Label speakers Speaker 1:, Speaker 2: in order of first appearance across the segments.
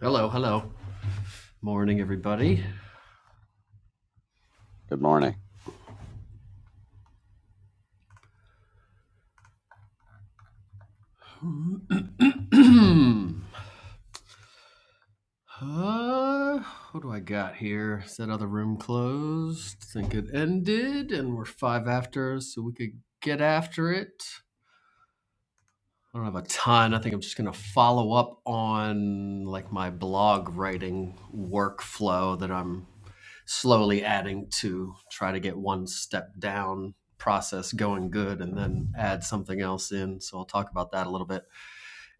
Speaker 1: Hello, hello. Morning, everybody.
Speaker 2: Good morning.
Speaker 1: uh, what do I got here? Said other room closed. Think it ended, and we're five after, so we could get after it. I don't have a ton. I think I'm just gonna follow up on like my blog writing workflow that I'm slowly adding to try to get one step down process going good and then add something else in. So I'll talk about that a little bit.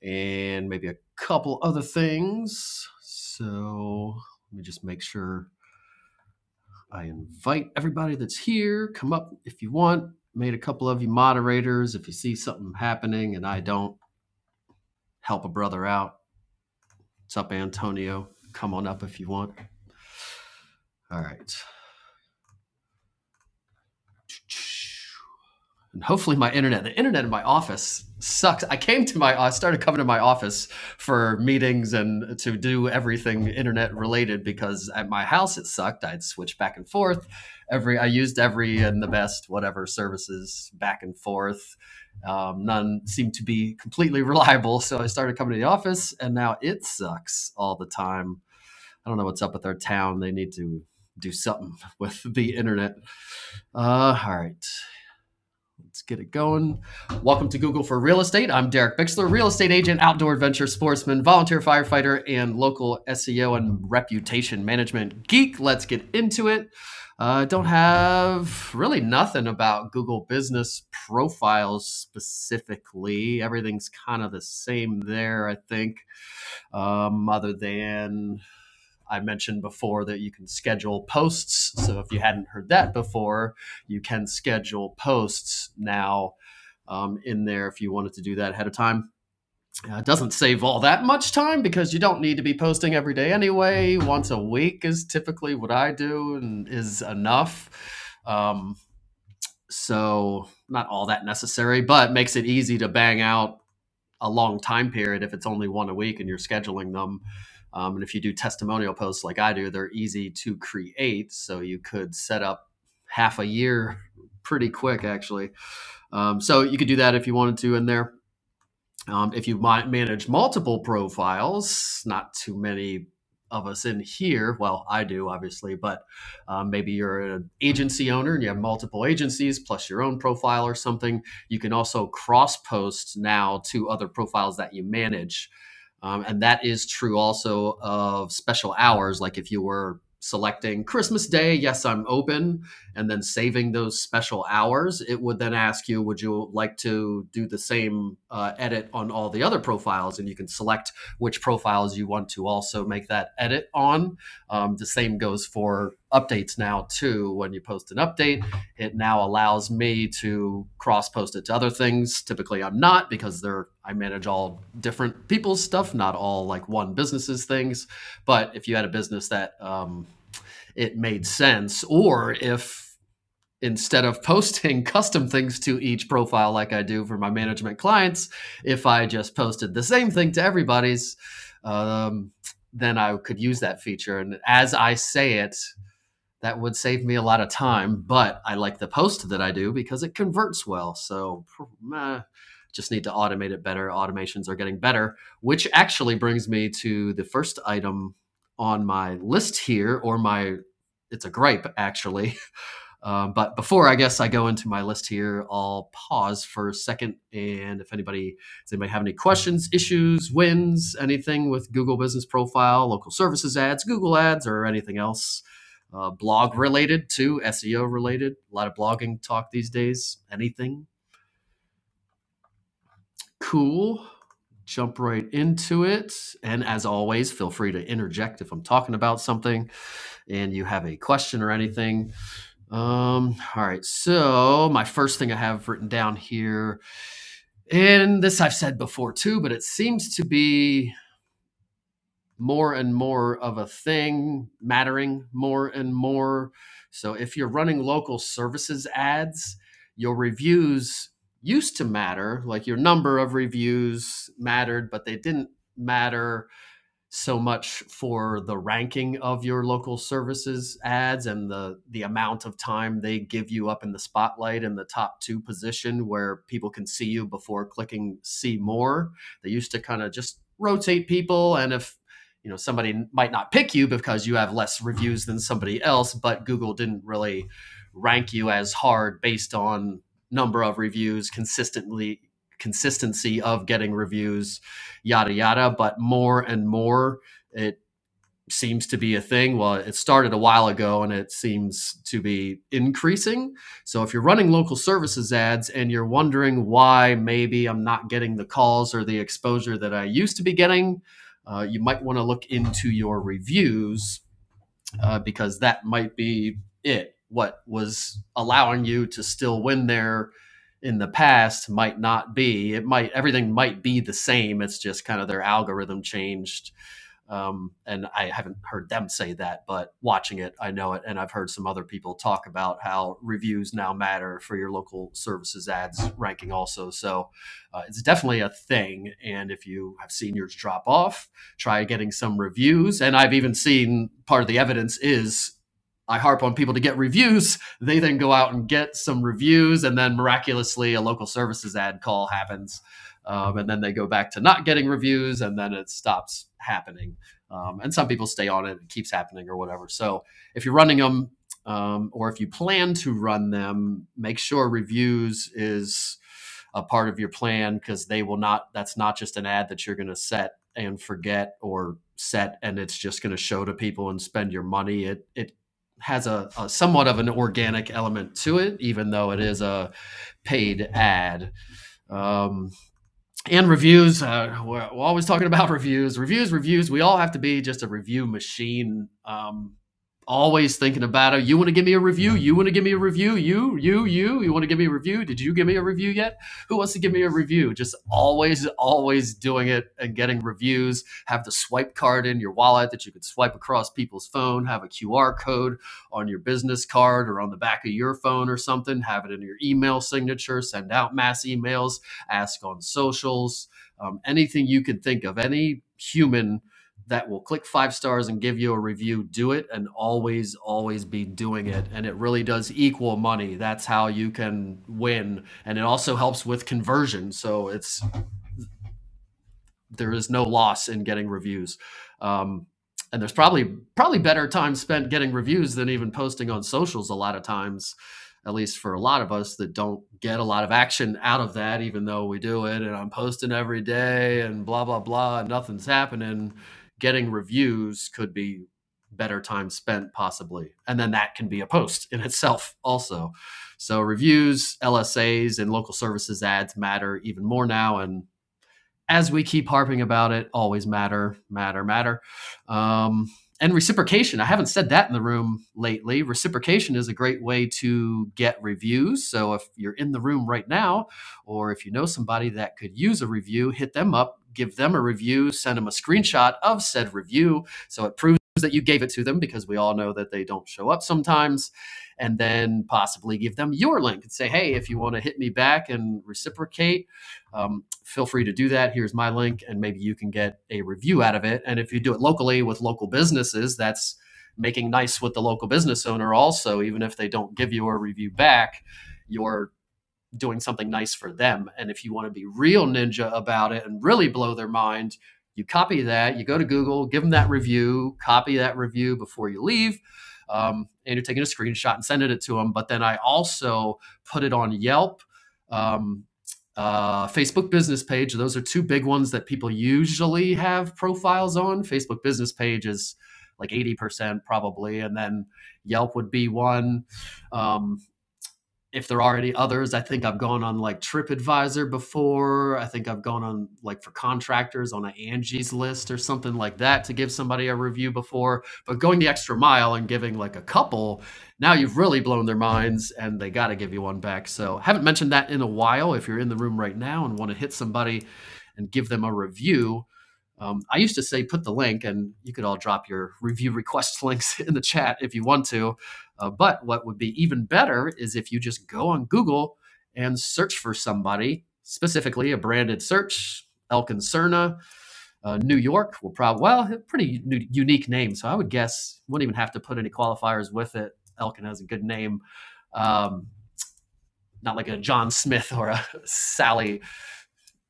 Speaker 1: and maybe a couple other things. So let me just make sure I invite everybody that's here. Come up if you want. Made a couple of you moderators. If you see something happening and I don't, help a brother out. What's up, Antonio? Come on up if you want. All right. And hopefully my internet the internet in my office sucks i came to my i started coming to my office for meetings and to do everything internet related because at my house it sucked i'd switch back and forth every i used every and the best whatever services back and forth um, none seemed to be completely reliable so i started coming to the office and now it sucks all the time i don't know what's up with our town they need to do something with the internet uh, all right Let's get it going. Welcome to Google for Real Estate. I'm Derek Bixler, real estate agent, outdoor adventure sportsman, volunteer firefighter, and local SEO and reputation management geek. Let's get into it. I uh, don't have really nothing about Google business profiles specifically. Everything's kind of the same there, I think, um, other than I mentioned before that you can schedule posts. So if you hadn't heard that before, you can schedule posts now um, in there if you wanted to do that ahead of time. Uh, it doesn't save all that much time because you don't need to be posting every day anyway. Once a week is typically what I do and is enough. Um, so, not all that necessary, but makes it easy to bang out a long time period if it's only one a week and you're scheduling them. Um, and if you do testimonial posts like I do, they're easy to create. So, you could set up half a year pretty quick, actually. Um, so, you could do that if you wanted to in there um, if you manage multiple profiles, not too many of us in here. Well, I do obviously, but um, maybe you're an agency owner and you have multiple agencies plus your own profile or something. You can also cross post now to other profiles that you manage um, and that is true also of special hours. Like if you were selecting Christmas Day, yes, I'm open, and then saving those special hours, it would then ask you, would you like to do the same uh, edit on all the other profiles? And you can select which profiles you want to also make that edit on. Um, the same goes for updates now, too. When you post an update, it now allows me to cross post it to other things typically i'm not because they're i manage all different people's stuff not all like one business's things but if you had a business that um, it made sense or if instead of posting custom things to each profile like i do for my management clients if i just posted the same thing to everybody's um, then i could use that feature and as i say it that would save me a lot of time, but I like the post that I do because it converts well. So meh, just need to automate it better. Automations are getting better, which actually brings me to the first item on my list here, or my it's a gripe actually, um, but before I guess I go into my list here, I'll pause for a second. And if anybody does anybody have any questions, issues, wins, anything with Google Business Profile, local services ads, Google ads, or anything else uh, blog related to SEO related, a lot of blogging talk these days. Anything cool? Jump right into it. And as always, feel free to interject if I'm talking about something and you have a question or anything Um, all right. So my first thing I have written down here, and this I've said before too, but it seems to be more and more of a thing, mattering more and more. So if you're running local services ads, your reviews used to matter, like your number of reviews mattered, but they didn't matter so much for the ranking of your local services ads and the the amount of time they give you up in the spotlight in the top two position where people can see you before clicking see more they used to kind of just rotate people and if you know somebody might not pick you because you have less reviews than somebody else but google didn't really rank you as hard based on number of reviews consistently consistency of getting reviews yada yada. But more and more, it seems to be a thing. Well, it started a while ago and it seems to be increasing. So if you're running local services ads and you're wondering why maybe I'm not getting the calls or the exposure that I used to be getting, uh, you might want to look into your reviews uh, because that might be it. What was allowing you to still win there in the past might not be. It might everything might be the same. It's just kind of their algorithm changed um, and I haven't heard them say that, but watching it, I know it. And I've heard some other people talk about how reviews now matter for your local services ads ranking also. So uh, it's definitely a thing. And if you have seen yours drop off, try getting some reviews. And I've even seen part of the evidence is I harp on people to get reviews. They then go out and get some reviews, and then miraculously, a local services ad call happens. Um, and then they go back to not getting reviews, and then it stops happening. Um, and some people stay on it, it keeps happening or whatever. So if you're running them um, or if you plan to run them, make sure reviews is a part of your plan because they will not, that's not just an ad that you're going to set and forget or set and it's just going to show to people and spend your money. It, it, has a, a somewhat of an organic element to it, even though it is a paid ad. Um, and reviews. Uh, we're, we're always talking about reviews, reviews, reviews. We all have to be just a review machine. Um, always thinking about it. You want to give me a review? You want to give me a review? You, you, you, you want to give me a review? Did you give me a review yet? Who wants to give me a review? Just always, always doing it and getting reviews. Have the swipe card in your wallet that you can swipe across people's phone. Have a QR code on your business card or on the back of your phone or something. Have it in your email signature. Send out mass emails. Ask on socials. Um, anything you can think of. Any human that will click five stars and give you a review, do it and always, always be doing it. And it really does equal money. That's how you can win. And it also helps with conversion. So it's there is no loss in getting reviews. Um, and there's probably probably better time spent getting reviews than even posting on socials a lot of times, at least for a lot of us that don't get a lot of action out of that, even though we do it and I'm posting every day and blah blah blah and nothing's happening. Getting reviews could be better time spent possibly. And then that can be a post in itself also. So reviews, LSAs, and local services ads matter even more now and as we keep harping about it, always matter, matter, matter. Um, and reciprocation. I haven't said that in the room lately. Reciprocation is a great way to get reviews. So if you're in the room right now, or if you know somebody that could use a review, hit them up, give them a review, send them a screenshot of said review. So it proves that you gave it to them because we all know that they don't show up sometimes. And then possibly give them your link and say, hey, if you want to hit me back and reciprocate, um, feel free to do that. Here's my link, and maybe you can get a review out of it. And if you do it locally with local businesses, that's making nice with the local business owner also, even if they don't give you a review back. You're doing something nice for them. And if you want to be real ninja about it and really blow their mind, you copy that, you go to Google, give them that review, copy that review before you leave. Um, and you're taking a screenshot and sending it to them. But then I also put it on Yelp, um, uh, Facebook business page. Those are two big ones that people usually have profiles on. Facebook business page is like 80% probably. And then Yelp would be one. Um, if there are any others, I think I've gone on like TripAdvisor before. I think I've gone on like for contractors on an Angie's list or something like that to give somebody a review before. But going the extra mile and giving like a couple, now you've really blown their minds and they got to give you one back. So haven't mentioned that in a while. If you're in the room right now and want to hit somebody and give them a review, um, I used to say put the link and you could all drop your review request links in the chat if you want to uh, but what would be even better is if you just go on Google and search for somebody, specifically a branded search, El Concerna, uh, New York will probably, well, pretty new, unique name. So I would guess, wouldn't even have to put any qualifiers with it. Elkin has a good name. Um, not like a John Smith or a Sally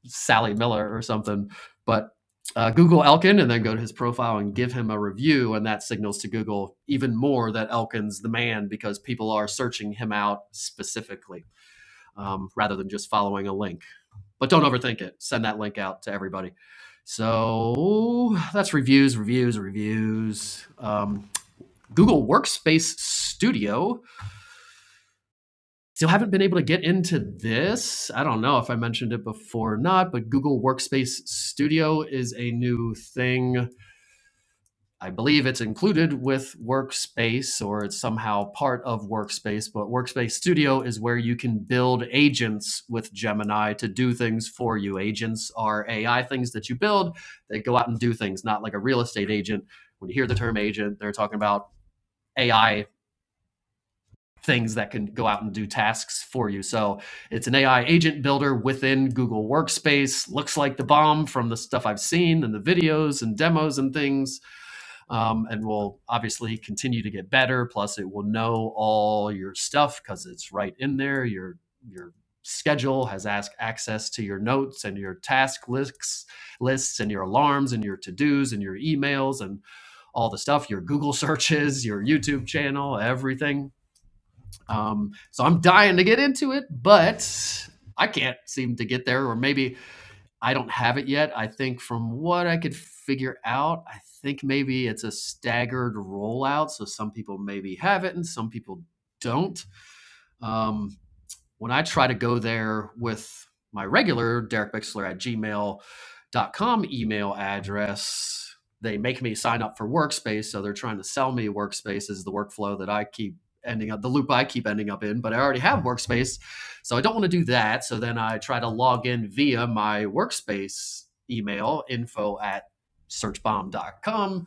Speaker 1: Sally Miller or something, but uh, Google Elkin and then go to his profile and give him a review. And that signals to Google even more that Elkin's the man because people are searching him out specifically um, rather than just following a link. But don't overthink it, send that link out to everybody. So that's reviews, reviews, reviews. Um, Google Workspace Studio Still haven't been able to get into this. I don't know if I mentioned it before or not, but Google Workspace Studio is a new thing. I believe it's included with Workspace or it's somehow part of Workspace, but Workspace Studio is where you can build agents with Gemini to do things for you. Agents are AI things that you build that go out and do things, not like a real estate agent. When you hear the term agent, they're talking about AI things that can go out and do tasks for you. So it's an AI agent builder within Google Workspace. Looks like the bomb from the stuff I've seen and the videos and demos and things. Um, and will obviously continue to get better. Plus, it will know all your stuff because it's right in there. Your your schedule has ask access to your notes and your task lists lists and your alarms and your to-dos and your emails and all the stuff your google searches your youtube channel everything um, so I'm dying to get into it, but I can't seem to get there, or maybe I don't have it yet. I think from what I could figure out, I think maybe it's a staggered rollout. So some people maybe have it and some people don't. Um, when I try to go there with my regular Derek Bixler at Gmail dot com email address, they make me sign up for Workspace. So they're trying to sell me Workspace as the workflow that I keep ending up, the loop I keep ending up in, but I already have Workspace. So I don't want to do that. So then I try to log in via my Workspace email info at search bomb dot com,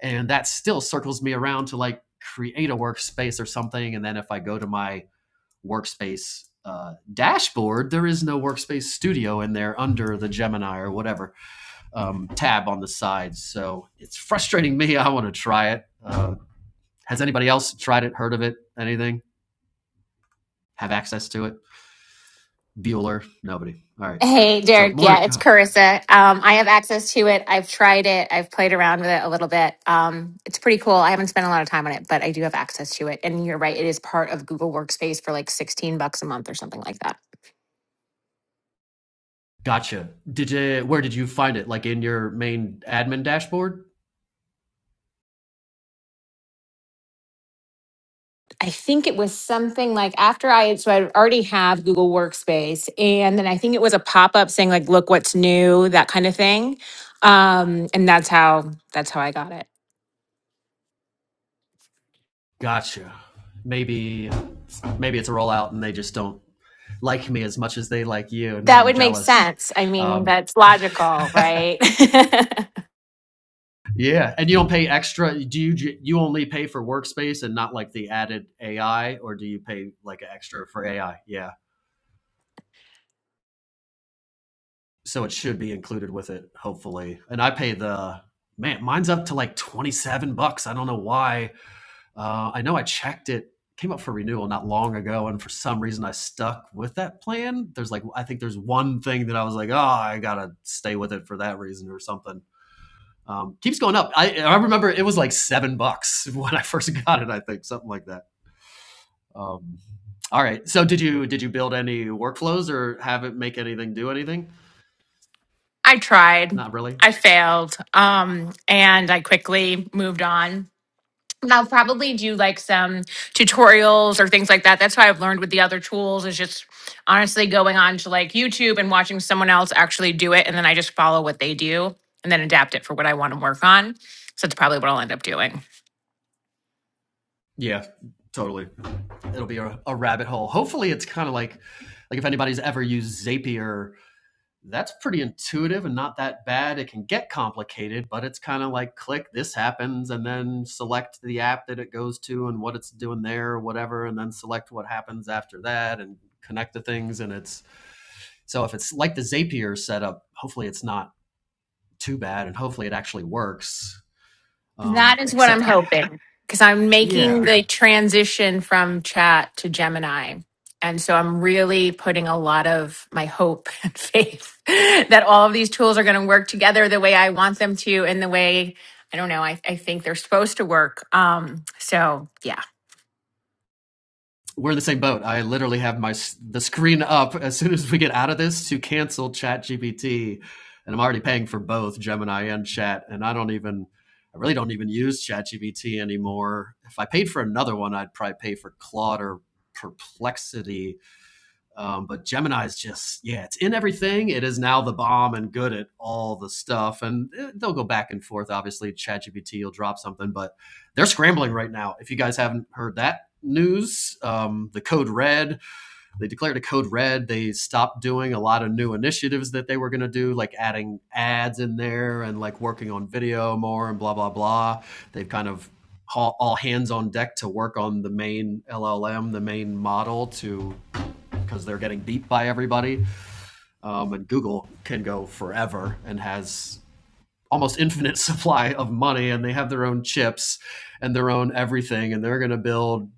Speaker 1: And that still circles me around to like create a workspace or something. And then if I go to my workspace uh, dashboard, there is no workspace studio in there under the Gemini or whatever um, tab on the side. So it's frustrating me. I want to try it. Uh, has anybody else tried it, heard of it, anything? Have access to it? Bueller? Nobody. All right.
Speaker 3: Hey,
Speaker 1: So
Speaker 3: Derek. Yeah, it's
Speaker 1: Mordecai.
Speaker 3: Carissa. Um, I have access to it. I've tried it. I've played around with it a little bit. Um, it's pretty cool. I haven't spent a lot of time on it, but I do have access to it. And you're right, it is part of Google Workspace for like 16 bucks a month or something like that.
Speaker 1: Gotcha. Did you, where did you find it? Like in your main admin dashboard?
Speaker 3: I think it was something like after I had, so I already have Google Workspace, and then I think it was a pop up saying like, "Look what's new," that kind of thing. Um, and that's how that's how I got it.
Speaker 1: Gotcha. Maybe maybe it's a rollout and they just don't like me as much as they like you. Now
Speaker 3: That
Speaker 1: I'm
Speaker 3: would make
Speaker 1: jealous.
Speaker 3: sense. I mean,
Speaker 1: Um,
Speaker 3: that's logical, right?
Speaker 1: Yeah, and you don't pay extra. Do you you only pay for workspace and not like the added AI, or do you pay like extra for AI? Yeah, so it should be included with it, hopefully. And I pay the man. Mine's up to like twenty seven bucks. I don't know why. Uh, I know I checked it. Came up for renewal not long ago, and for some reason I stuck with that plan. There's like I think there's one thing that I was like, oh, I gotta stay with it for that reason or something Um, keeps going up. I, I remember it was like seven bucks when I first got it. I think something like that. Um, all right. So did you did you build any workflows or have it make anything do anything?
Speaker 3: I tried.
Speaker 1: Not really.
Speaker 3: I failed. Um, and I quickly moved on I'll probably do like some tutorials or things like that. That's how I've learned with the other tools is just honestly going on to like YouTube and watching someone else actually do it. And then I just follow what they do and then adapt it for what I want to work on. So that's probably what I'll end up doing.
Speaker 1: Yeah, totally. It'll be a, a rabbit hole. Hopefully, it's kind of like like if anybody's ever used Zapier that's pretty intuitive and not that bad. It can get complicated, but it's kind of like click, this happens, and then select the app that it goes to and what it's doing there or whatever, and then select what happens after that and connect the things. And it's so if it's like the Zapier setup, hopefully it's not too bad and hopefully it actually works.
Speaker 3: That
Speaker 1: Um,
Speaker 3: is what I'm
Speaker 1: except I,
Speaker 3: hoping because I'm making
Speaker 1: yeah,
Speaker 3: the transition from chat to Gemini. And so I'm really putting a lot of my hope and faith that all of these tools are going to work together the way I want them to and the way I don't know, I, I think they're supposed to work. Um, so yeah.
Speaker 1: we're in the same boat. I literally have my the screen up as soon as we get out of this to cancel ChatGPT, and I'm already paying for both Gemini and Chat, and I don't even I really don't even use ChatGPT anymore. If I paid for another one, I'd probably pay for Claude or Perplexity um, but Gemini is just, yeah, it's in everything. It is now the bomb and good at all the stuff. And eh, they'll go back and forth. Obviously, ChatGPT will drop something, but they're scrambling right now. If you guys haven't heard that news, um, the code red, they declared a code red. They stopped doing a lot of new initiatives that they were going to do, like adding ads in there and like working on video more and blah, blah, blah. They've kind of all, all hands on deck to work on the main LLM, the main model to because they're getting beat by everybody. Um, and Google can go forever and has almost infinite supply of money, and they have their own chips and their own everything, and they're going to build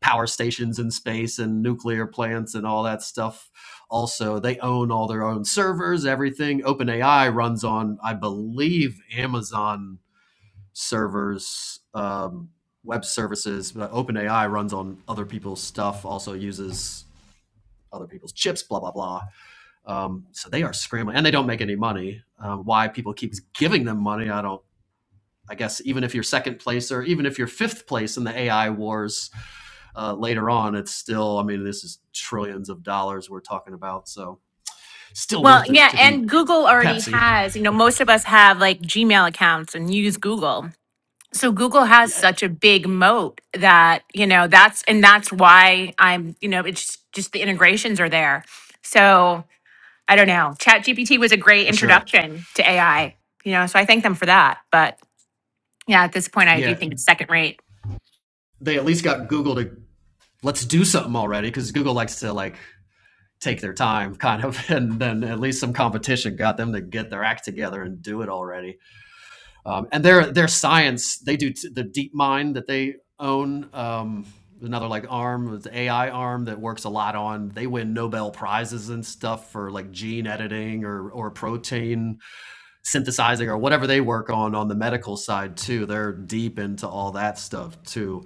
Speaker 1: power stations in space and nuclear plants and all that stuff. Also, they own all their own servers, everything. OpenAI runs on, I believe, Amazon servers. Um, web services but openai runs on other people's stuff also uses other people's chips blah blah blah Um, so they are scrambling, and they don't make any money. Uh, why people keep giving them money, I don't. I guess even if you're second place or even if you're fifth place in the AI wars uh, later on, it's still. I mean, this is trillions of dollars we're talking about, so still
Speaker 3: Well,
Speaker 1: worth it
Speaker 3: yeah,
Speaker 1: to be
Speaker 3: and Google already
Speaker 1: Pepsi,
Speaker 3: has, you know, most of us have like Gmail accounts and use Google. so Google has
Speaker 1: yeah,
Speaker 3: such a big moat that, you know, that's and that's why I'm, you know, it's just the integrations are there. So I don't know. Chat GPT was a great
Speaker 1: for sure.
Speaker 3: introduction to AI, you know, so I thank them for that. But yeah, at this point I do
Speaker 1: Yeah,
Speaker 3: think it's second rate.
Speaker 1: they at least got Google to let's do something already because Google likes to like take their time, kind of, and then at least some competition got them to get their act together and do it already Um, and their their science, they do t- the deep mind that they own, um, another like arm, the AI arm that works a lot on. They win Nobel prizes and stuff for like gene editing or or protein synthesizing or whatever they work on on the medical side too. They're deep into all that stuff too.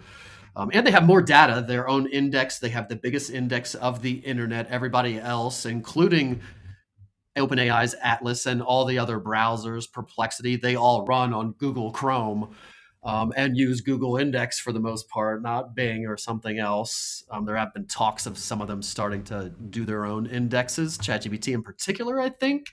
Speaker 1: Um, and they have more data, their own index. They have the biggest index of the internet. Everybody else, including OpenAI's Atlas and all the other browsers, Perplexity, they all run on Google Chrome um, and use Google Index for the most part, not Bing or something else. Um, there have been talks of some of them starting to do their own indexes, ChatGPT in particular, I think,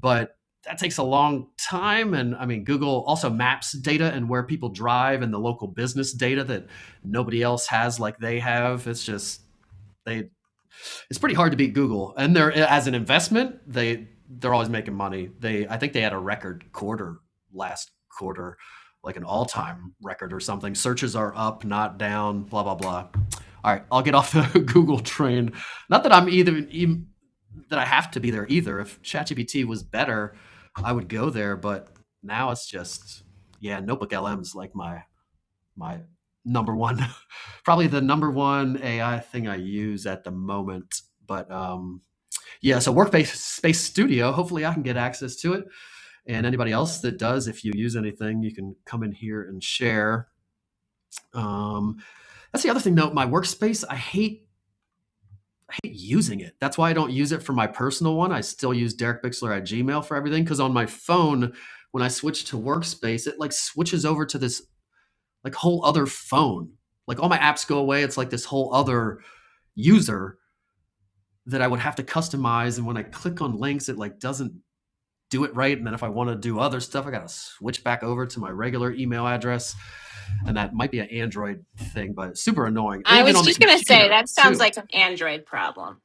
Speaker 1: but that takes a long time. And I mean, Google also maps data and where people drive and the local business data that nobody else has like they have. It's just they it's pretty hard to beat Google. And they're as an investment, they they're always making money. They I think they had a record quarter last quarter, like an all-time record or something. Searches are up, not down, blah blah blah. All right, I'll get off the Google train. Not that I'm either em- that I have to be there either. If ChatGPT was better, I would go there, but now it's just yeah, notebook LM's like my my number one, probably the number one AI thing I use at the moment. But um, yeah, so Workspace Space Studio. Hopefully, I can get access to it, and anybody else that does, if you use anything, you can come in here and share. Um, that's the other thing, though. My workspace, I hate hate using it. That's why I don't use it for my personal one. I still use Derek Bixler at Gmail for everything because on my phone, when I switch to Workspace, it like switches over to this like whole other phone. Like all my apps go away. It's like this whole other user that I would have to customize. And when I click on links, it like doesn't do it right. And then if I want to do other stuff, I got to switch back over to my regular email address. And that might be an Android thing, but super annoying. And
Speaker 3: I
Speaker 1: even
Speaker 3: was
Speaker 1: on the
Speaker 3: just going to say
Speaker 1: computer
Speaker 3: that sounds
Speaker 1: too.
Speaker 3: like an Android problem.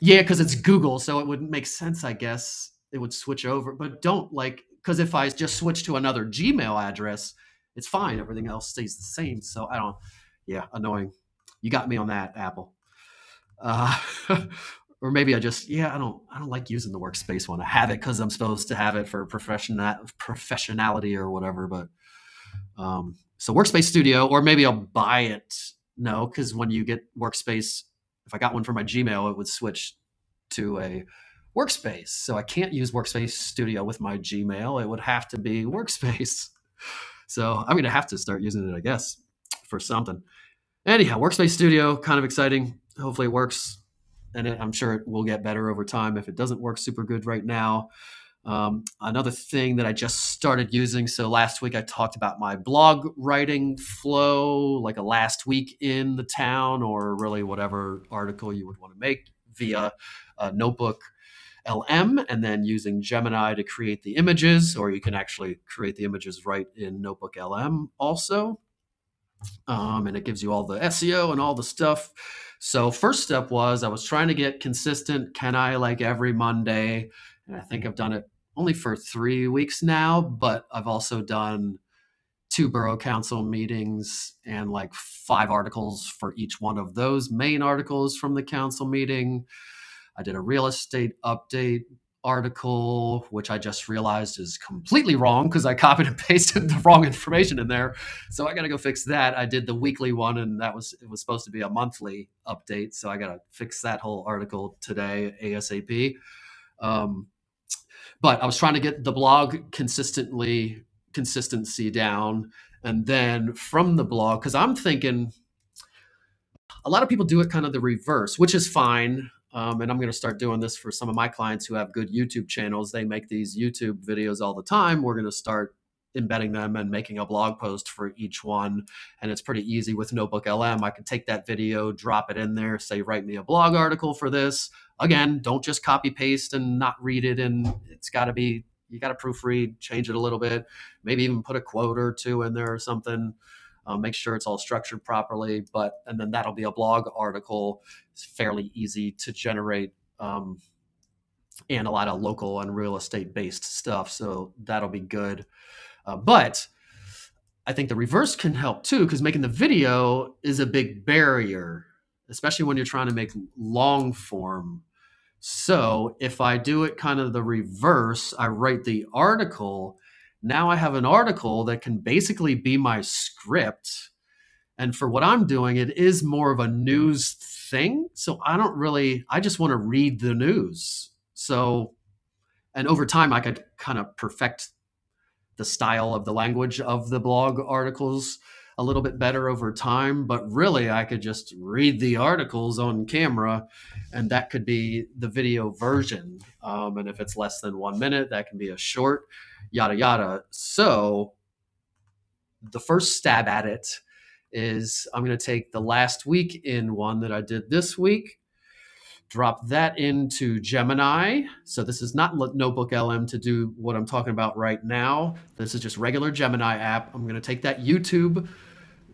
Speaker 1: Yeah, because it's Google, so it would make sense, I guess. It would switch over, but don't like because if I just switch to another Gmail address, it's fine. Everything else stays the same. So I don't. Yeah, annoying. You got me on that, Apple. Uh, or maybe I just yeah, I don't. I don't like using the workspace one. I have it because I'm supposed to have it for professional professionality or whatever. But um, so Workspace Studio, or maybe I'll buy it. No, because when you get Workspace, if I got one for my Gmail, it would switch to a workspace. So I can't use Workspace Studio with my Gmail. It would have to be Workspace. So I'm going to have to start using it, I guess, for something. Anyhow, Workspace Studio, kind of exciting. Hopefully it works. And it, I'm sure it will get better over time if it doesn't work super good right now. Um, another thing that I just started using. So last week I talked about my blog writing flow, like a last week in the town, or really whatever article you would want to make via a notebook LM and then using Gemini to create the images, or you can actually create the images right in Notebook LM also. Um, and it gives you all the SEO and all the stuff. So, first step was I was trying to get consistent. Can I like every Monday? And I think I've done it only for three weeks now, but I've also done two borough council meetings and like five articles for each one of those main articles from the council meeting I did a real estate update article, which I just realized is completely wrong because I copied and pasted the wrong information in there. So I got to go fix that. I did the weekly one, and that was it was supposed to be a monthly update. So I got to fix that whole article today ASAP. Um, but I was trying to get the blog consistently consistency down, and then from the blog because I'm thinking a lot of people do it kind of the reverse, which is fine. Um, and I'm going to start doing this for some of my clients who have good YouTube channels. They make these YouTube videos all the time. We're going to start embedding them and making a blog post for each one. And it's pretty easy with Notebook LM. I can take that video, drop it in there, say, write me a blog article for this. Again, don't just copy paste and not read it. And it's got to be, you got to proofread, change it a little bit, maybe even put a quote or two in there or something uh, make sure it's all structured properly. But and then that'll be a blog article. It's fairly easy to generate um, and a lot of local and real estate based stuff. So that'll be good. Uh, but I think the reverse can help too because making the video is a big barrier, especially when you're trying to make long form. So if I do it kind of the reverse, I write the article. Now I have an article that can basically be my script and for what i'm doing it is more of a news thing so i don't really i just want to read the news so and over time i could kind of perfect the style of the language of the blog articles a little bit better over time but really i could just read the articles on camera and that could be the video version um, and if it's less than one minute that can be a short yada yada so the first stab at it is I'm going to take the last week in one that I did this week, drop that into Gemini. So this is not Notebook LM to do what I'm talking about right now. This is just regular Gemini app. I'm going to take that YouTube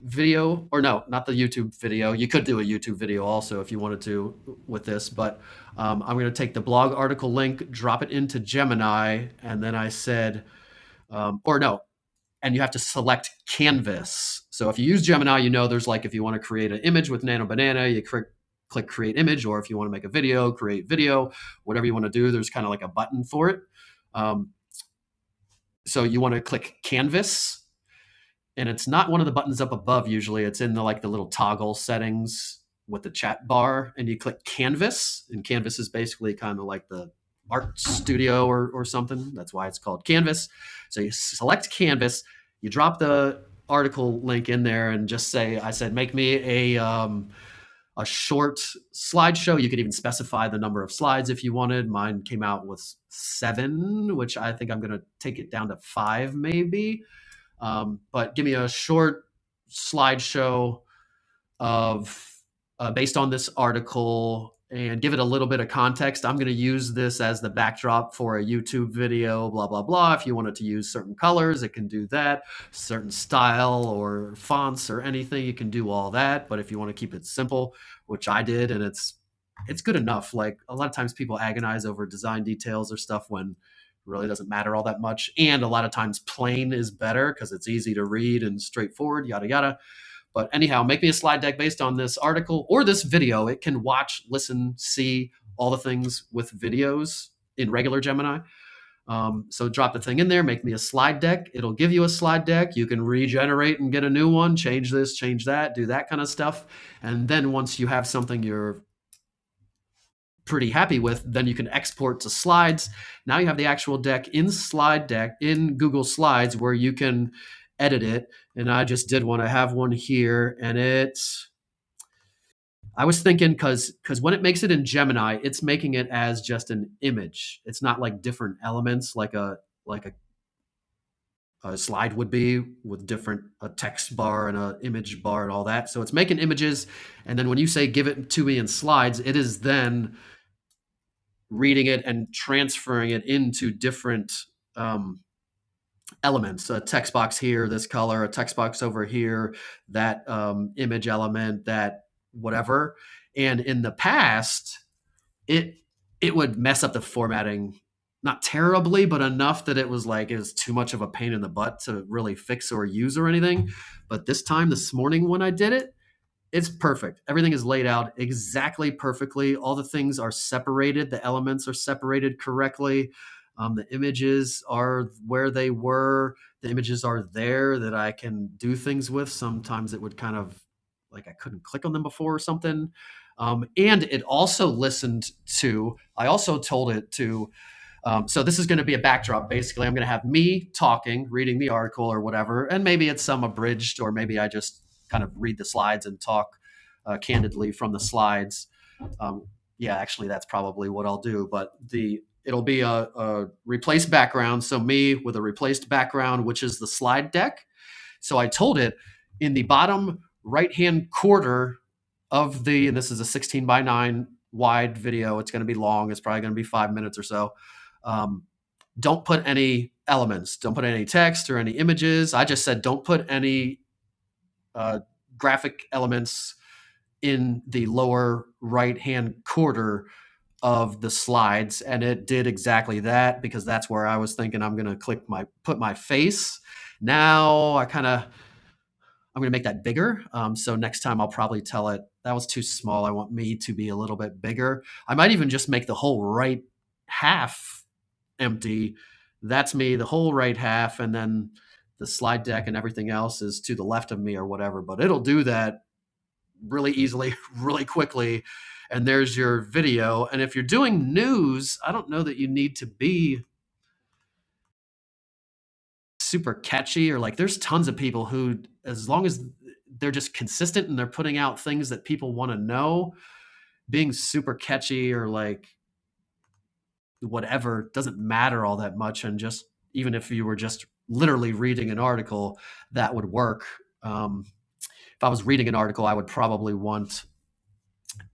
Speaker 1: video, or no, not the YouTube video. You could do a YouTube video also if you wanted to with this, but um, I'm going to take the blog article link, drop it into Gemini, and then I said, um, or no, and you have to select canvas. So if you use Gemini, you know there's like if you want to create an image with Nano Banana, you click click create image, or if you want to make a video, create video, whatever you want to do. There's kind of like a button for it. Um, so you want to click canvas, and it's not one of the buttons up above usually it's in the like the little toggle settings with the chat bar and you click canvas and canvas is basically kind of like the art studio or, or something that's why it's called canvas so you select canvas you drop the article link in there and just say i said make me a um, a short slideshow you could even specify the number of slides if you wanted mine came out with seven which i think i'm going to take it down to five maybe um, but give me a short slideshow of uh, based on this article and give it a little bit of context. I'm going to use this as the backdrop for a YouTube video, blah, blah, blah. If you wanted to use certain colors, it can do that, certain style or fonts or anything, you can do all that. But if you want to keep it simple, which I did, and it's it's good enough. Like a lot of times people agonize over design details or stuff when it really doesn't matter all that much. And a lot of times plain is better because it's easy to read and straightforward, yada yada but anyhow, make me a slide deck based on this article or this video. It can watch, listen, see all the things with videos in regular Gemini. Um, so drop the thing in there, make me a slide deck. It'll give you a slide deck. You can regenerate and get a new one, change this, change that, do that kind of stuff. And then once you have something you're pretty happy with, then you can export to slides. Now you have the actual deck in slide deck in Google Slides where you can edit it. And I just did one. I have one here and it's. I was thinking because because when it makes it in Gemini, it's making it as just an image. It's not like different elements like a like a, a slide would be with different a text bar and a image bar and all that. So it's making images, and then when you say give it to me in slides, it is then reading it and transferring it into different um, elements. A text box here, this color, a text box over here, that um, image element, that whatever. And in the past, it it would mess up the formatting not terribly, but enough that it was like it was too much of a pain in the butt to really fix or use or anything. But this time, this morning when I did it, it's perfect. Everything is laid out exactly perfectly. All the things are separated. The elements are separated correctly. Um, the images are where they were. The images are there that I can do things with. Sometimes it would kind of like I couldn't click on them before or something. Um, and it also listened to, I also told it to um, so this is going to be a backdrop. Basically, I'm going to have me talking, reading the article or whatever, and maybe it's some abridged, or maybe I just kind of read the slides and talk uh, candidly from the slides. Um, yeah, actually, that's probably what I'll do. But the it'll be a, a replaced background. So me with a replaced background, which is the slide deck. So I told it in the bottom right hand quarter of the, and this is a 16 by 9 wide video. It's going to be long. It's probably going to be five minutes or so. Um, don't put any elements, don't put any text or any images. I just said don't put any uh, graphic elements in the lower right hand quarter of the slides and it did exactly that because that's where I was thinking I'm going to click my put my face. Now I kind of I'm going to make that bigger. Um, so next time I'll probably tell it that was too small. I want me to be a little bit bigger. I might even just make the whole right half empty. That's me, the whole right half, and then the slide deck and everything else is to the left of me or whatever. But it'll do that really easily, really quickly. And there's your video. And if you're doing news, I don't know that you need to be super catchy or like there's tons of people who, as long as they're just consistent and they're putting out things that people want to know, being super catchy or like whatever doesn't matter all that much and just even if you were just literally reading an article that would work um, if i was reading an article i would probably want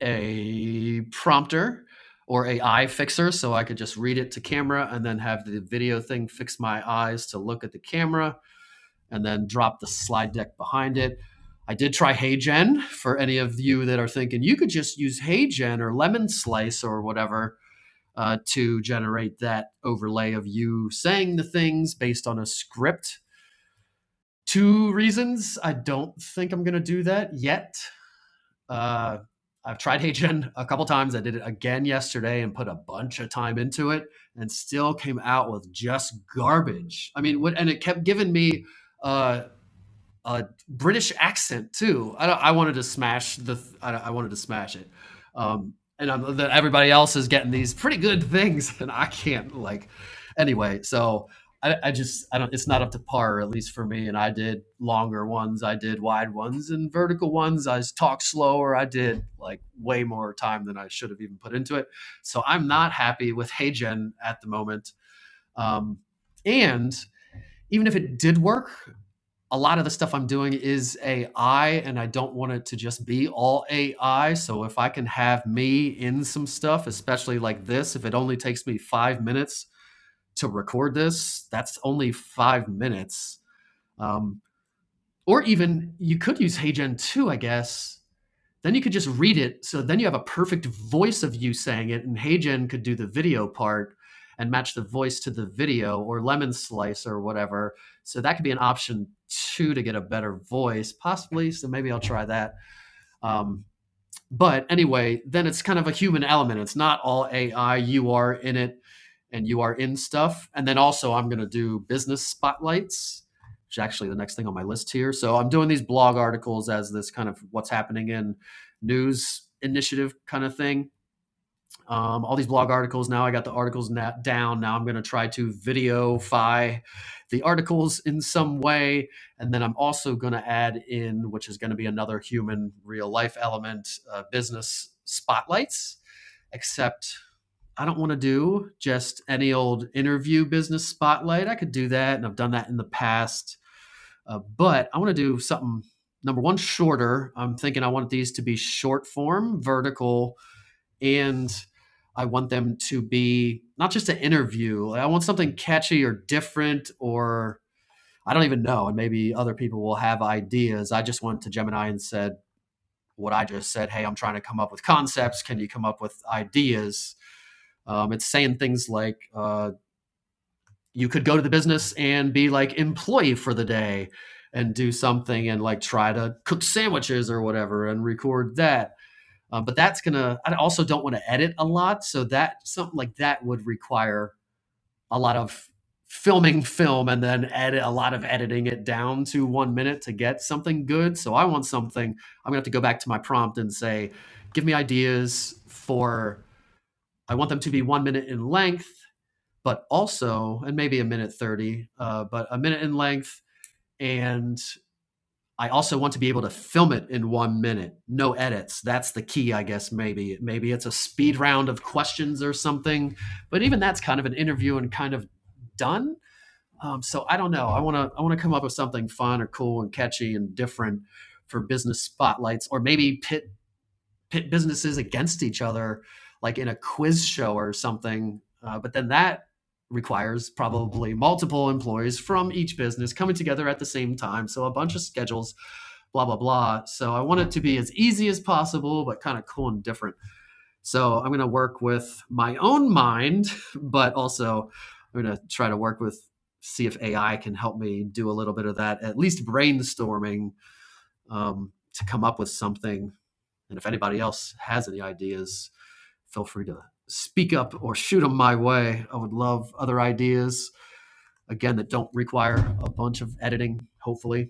Speaker 1: a prompter or a eye fixer so i could just read it to camera and then have the video thing fix my eyes to look at the camera and then drop the slide deck behind it i did try heygen for any of you that are thinking you could just use heygen or lemon slice or whatever uh, to generate that overlay of you saying the things based on a script. Two reasons I don't think I'm going to do that yet. Uh, I've tried HeyGen a couple times. I did it again yesterday and put a bunch of time into it and still came out with just garbage. I mean, what, and it kept giving me uh, a British accent too. I, I wanted to smash the. I, I wanted to smash it, um, and I'm, that everybody else is getting these pretty good things, and I can't like. Anyway, so I, I just I don't. It's not up to par, at least for me. And I did longer ones, I did wide ones, and vertical ones. I talked slower. I did like way more time than I should have even put into it. So I'm not happy with Hey Gen at the moment. Um, and even if it did work, a lot of the stuff I'm doing is AI, and I don't want it to just be all AI. So if I can have me in some stuff, especially like this, if it only takes me five minutes to record this, that's only five minutes. Um, or even you could use HeyGen 2, I guess, then you could just read it. So then you have a perfect voice of you saying it, and HeyGen could do the video part and match the voice to the video or Lemon Slice or whatever. So that could be an option two to get a better voice, possibly. So maybe I'll try that. Um, but anyway, then it's kind of a human element. It's not all AI. You are in it and you are in stuff. And then also, I'm going to do business spotlights, which is actually the next thing on my list here. So I'm doing these blog articles as this kind of what's happening in news initiative kind of thing um, all these blog articles. Now I got the articles na- down. Now I'm going to try to videofy the articles in some way. And then I'm also going to add in, which is going to be another human real life element, uh, business spotlights. Except I don't want to do just any old interview business spotlight. I could do that, and I've done that in the past. Uh, but I want to do something number one shorter i'm thinking i want these to be short form vertical and I want them to be not just an interview. like, I want something catchy or different or I don't even know. And maybe other people will have ideas. I just went to Gemini and said what I just said. Hey, I'm trying to come up with concepts. Can you come up with ideas? Um, it's saying things like uh, you could go to the business and be like employee for the day and do something and like try to cook sandwiches or whatever and record that uh, but that's gonna. I also don't want to edit a lot, so that something like that would require a lot of filming film and then edit a lot of editing it down to one minute to get something good. So I want something. I'm gonna have to go back to my prompt and say, give me ideas for. I want them to be one minute in length, but also and maybe a minute thirty, uh, but a minute in length and I also want to be able to film it in one minute, no edits. That's the key, I guess. Maybe maybe it's a speed round of questions or something, but even that's kind of an interview and kind of done. Um, so I don't know. I want to I want to come up with something fun or cool and catchy and different for business spotlights, or maybe pit pit businesses against each other, like in a quiz show or something. Uh, but then that requires probably multiple employees from each business coming together at the same time. So a bunch of schedules, blah, blah, blah. So I want it to be as easy as possible, but kind of cool and different. So I'm going to work with my own mind, but also I'm going to try to work with see if AI can help me do a little bit of that, at least brainstorming um, to come up with something and if anybody else has any ideas, feel free to speak up or shoot them my way. I would love other ideas, again, that don't require a bunch of editing, hopefully.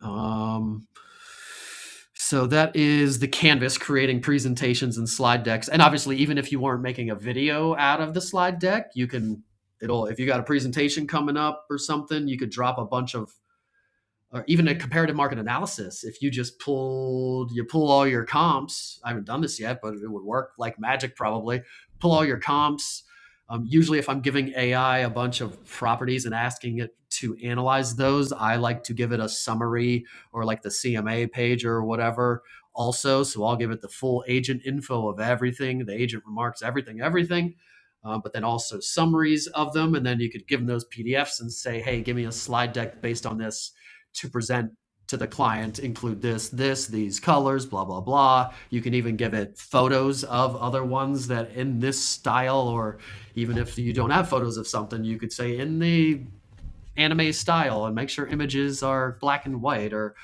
Speaker 1: Um, so that is the canvas creating presentations and slide decks. And obviously, even if you weren't making a video out of the slide deck, you can, it'll, if you got a presentation coming up or something, you could drop a bunch of or even a comparative market analysis if you just pulled you pull all your comps i haven't done this yet but it would work like magic probably pull all your comps um, usually if i'm giving ai a bunch of properties and asking it to analyze those i like to give it a summary or like the cma page or whatever also so i'll give it the full agent info of everything the agent remarks everything everything uh, but then also summaries of them and then you could give them those pdfs and say hey give me a slide deck based on this to present to the client include this, this, these colors, blah, blah, blah. You can even give it photos of other ones that in this style, or even if you don't have photos of something, you could say in the anime style and make sure images are black and white or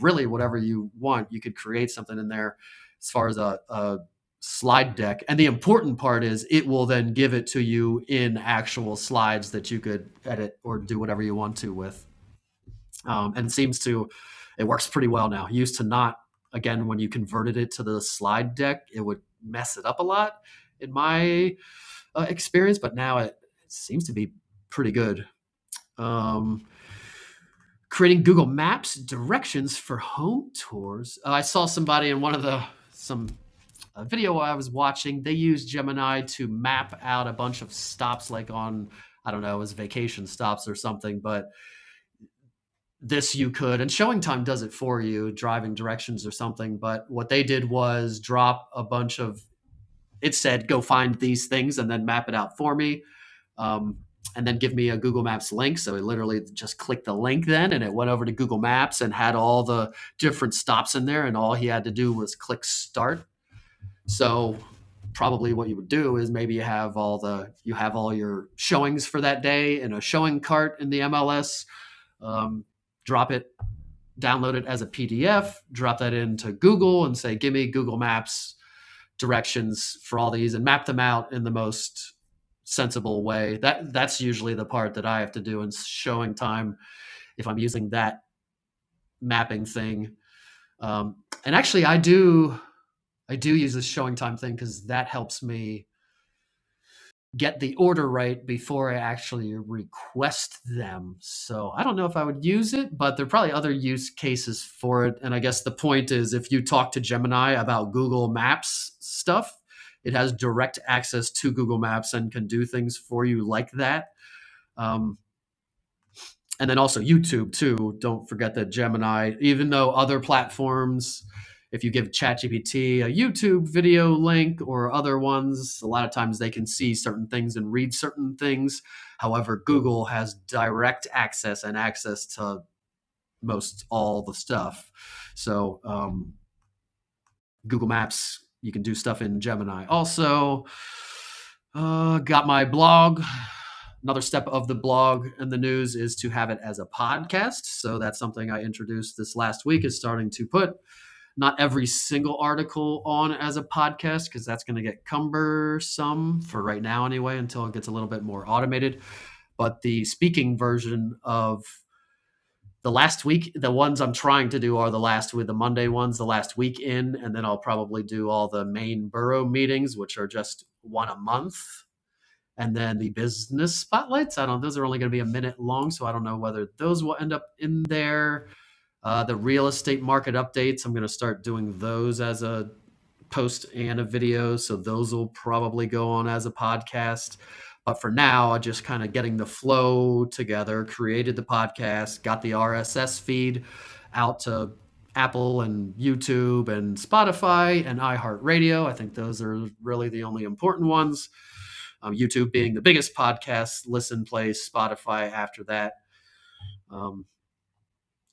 Speaker 1: really whatever you want. You could create something in there as far as a, a slide deck. And the important part is it will then give it to you in actual slides that you could edit or do whatever you want to with um, and seems to it works pretty well now. Used to not again when you converted it to the slide deck, it would mess it up a lot in my uh, experience, but now it, it seems to be pretty good. Um, creating Google Maps directions for home tours. Uh, I saw somebody in one of the some uh, video I was watching. They used Gemini to map out a bunch of stops, like on I don't know, it was vacation stops or something, but this you could and showing time does it for you driving directions or something but what they did was drop a bunch of it said go find these things and then map it out for me um, and then give me a google maps link so i literally just clicked the link then and it went over to google maps and had all the different stops in there and all he had to do was click start so probably what you would do is maybe you have all the you have all your showings for that day in a showing cart in the mls um, drop it download it as a PDF, drop that into Google and say, give me Google Maps directions for all these and map them out in the most sensible way. That that's usually the part that I have to do in showing time if I'm using that mapping thing. Um, and actually I do I do use this showing time thing because that helps me get the order right before I actually request them. So I don't know if I would use it, but there are probably other use cases for it. And I guess the point is if you talk to Gemini about Google Maps stuff, it has direct access to Google Maps and can do things for you like that. Um, and then also YouTube too. Don't forget that Gemini, even though other platforms, if you give ChatGPT a YouTube video link or other ones, a lot of times they can see certain things and read certain things. However, Google has direct access and access to most all the stuff. So um, Google Maps. You can do stuff in Gemini. Also, uh, got my blog. Another step of the blog and the news is to have it as a podcast. So that's something I introduced this last week. Is starting to put not every single article on as a podcast because that's going to get cumbersome for right now anyway until it gets a little bit more automated. But the speaking version of the last week the ones i'm trying to do are the last with the monday ones the last week in and then i'll probably do all the main borough meetings which are just one a month and then the business spotlights i don't those are only going to be a minute long so i don't know whether those will end up in there uh, the real estate market updates i'm going to start doing those as a post and a video. So those will probably go on as a podcast. But for now, I just kind of getting the flow together, created the podcast, got the RSS feed out to Apple and YouTube and Spotify and iHeartRadio. I think those are really the only important ones. Um, YouTube being the biggest podcast listen place, Spotify after that. Um,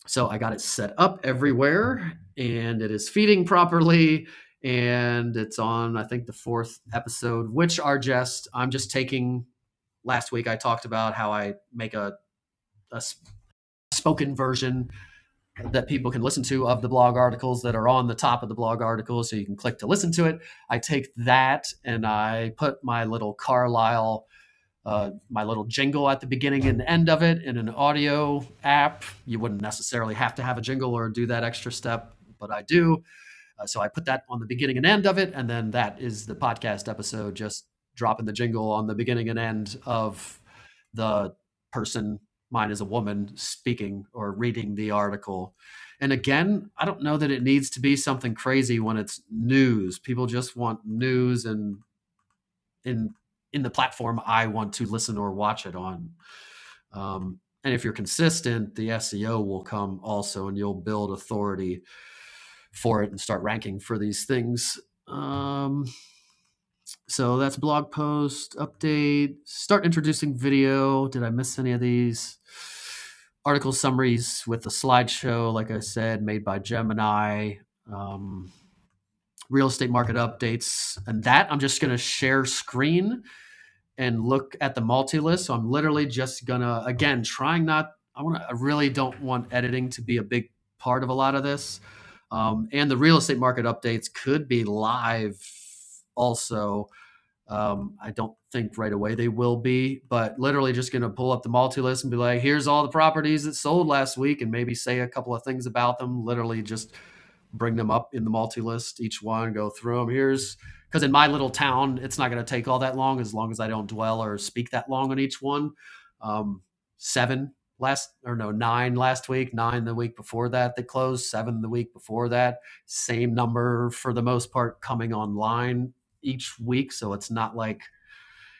Speaker 1: so I got it set up everywhere and it is feeding properly. And it's on, I think, the fourth episode, which are just, I'm just taking, last week I talked about how I make a a spoken version that people can listen to of the blog articles that are on the top of the blog articles. So you can click to listen to it. I take that and I put my little Carlisle uh, my little jingle at the beginning and end of it in an audio app. You wouldn't necessarily have to have a jingle or do that extra step, but I do. Uh, so I put that on the beginning and end of it, and then that is the podcast episode, just dropping the jingle on the beginning and end of the person, mine is a woman, speaking or reading the article. And again, I don't know that it needs to be something crazy when it's news. People just want news and in in the platform I want to listen or watch it on. Um, and if you're consistent, the SEO will come also, and you'll build authority for it and start ranking for these things. Um, so that's blog post update. Start introducing video. Did I miss any of these? Article summaries with the slideshow, like I said, made by Gemini. Um, real estate market updates, and that I'm just going to share screen and look at the multi list. So I'm literally just gonna again trying not. I want. to I really don't want editing to be a big part of a lot of this. Um, and the real estate market updates could be live also um, I don't think right away they will be, but literally just going to pull up the multi list and be like, here's all the properties that sold last week and maybe say a couple of things about them. Literally just bring them up in the multi list, each one, go through them. Here's because in my little town, it's not going to take all that long as long as I don't dwell or speak that long on each one. Um, seven last or no nine last week nine the week before that that closed seven the week before that same number for the most part coming online each week. So it's not like,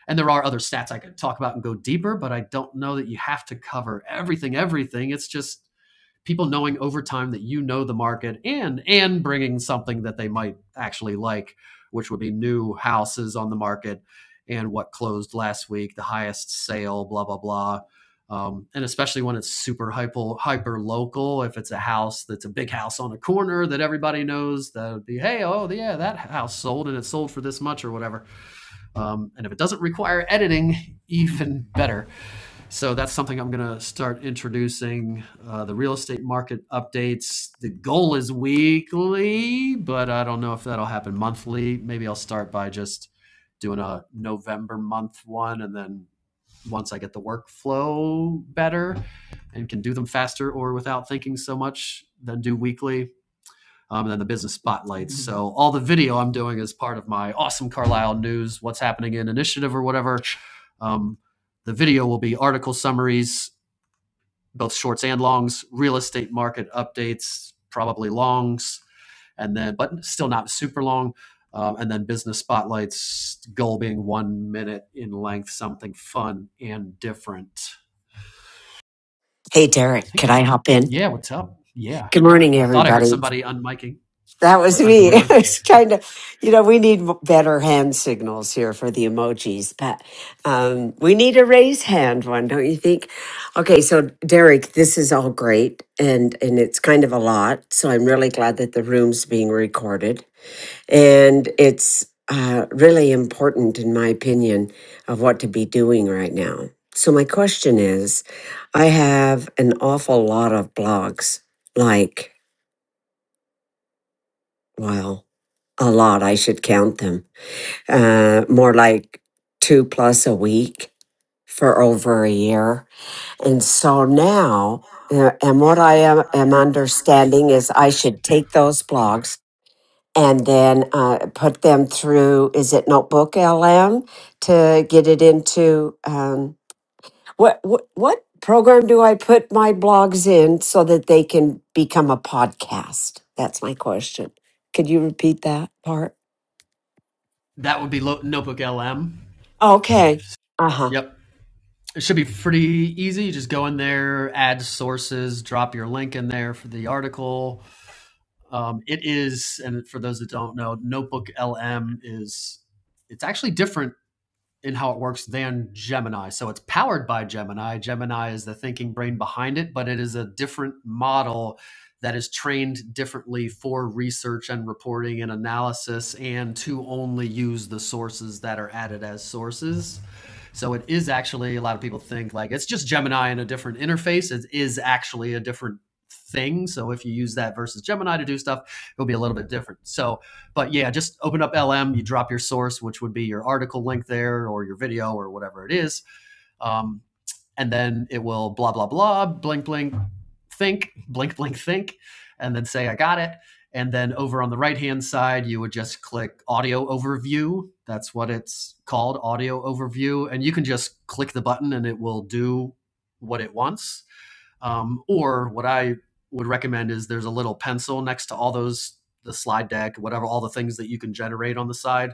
Speaker 1: and there are other stats I could talk about and go deeper, but I don't know that you have to cover everything, everything. It's just people knowing over time that you know the market and and bringing something that they might actually like which would be new houses on the market and what closed last week the highest sale blah blah blah um, and especially when it's super hyper hyper local if it's a house that's a big house on a corner that everybody knows that would be hey oh yeah that house sold and it sold for this much or whatever um, and if it doesn't require editing, even better. So that's something I'm going to start introducing uh, the real estate market updates. The goal is weekly, but I don't know if that'll happen monthly. Maybe I'll start by just doing a November month one. And then once I get the workflow better and can do them faster or without thinking so much, then do weekly um, and then the business spotlights. So all the video I'm doing is part of my awesome Carlisle News, what's happening in initiative or whatever. Um, the video will be article summaries, both shorts and longs, real estate market updates, probably longs, and then but still not super long. Um, and then business spotlights, goal being one minute in length, something fun and different.
Speaker 4: Hey,
Speaker 1: I
Speaker 4: Derek,
Speaker 1: think
Speaker 4: can
Speaker 1: that,
Speaker 4: I hop in?
Speaker 1: yeah, what's up? Yeah.
Speaker 4: Good morning,
Speaker 1: I thought I heard
Speaker 4: everybody.
Speaker 1: somebody unmiking
Speaker 4: That was
Speaker 1: or
Speaker 4: me.
Speaker 1: unmuting.
Speaker 4: It's kind of, you know, we need better hand signals here for the emojis, but um, we need a raise hand one, don't you think? Okay, so Derek, this is all great, and and it's kind of a lot. So I'm really glad that the room's being recorded. And it's uh, really important, in my opinion, of what to be doing right now. So, my question is I have an awful lot of blogs, like, well, a lot, I should count them, uh, more like two plus a week for over a year. And so now, uh, and what I am, am understanding is I should take those blogs and then uh, put them through is it notebook lm to get it into um, what, what what program do i put my blogs in so that they can become a podcast that's my question could you repeat that part
Speaker 1: That would be Notebook LM.
Speaker 4: okay uh-huh
Speaker 1: Yep. It should be pretty easy. You just go in there, add sources, drop your link in there for the article. Um, it is, and for those that don't know, Notebook LM is it's actually different in how it works than Gemini. So it's powered by Gemini. Gemini is the thinking brain behind it, but it is a different model that is trained differently for research and reporting and analysis and to only use the sources that are added as sources. So it is actually a lot of people think like it's just Gemini and a different interface. It is actually a different thing. So if you use that versus Gemini to do stuff, it'll be a little bit different. So but yeah, just open up LM, you drop your source, which would be your article link there or your video or whatever it is. Um, and then it will blah, blah, blah, blink, blink, think, blink, blink, think, and then say, I got it. And then over on the right hand side, you would just click audio overview. That's what it's called, audio overview. And you can just click the button and it will do what it wants. Um, or what I would recommend is there's a little pencil next to all those the slide deck, whatever, all the things that you can generate on the side.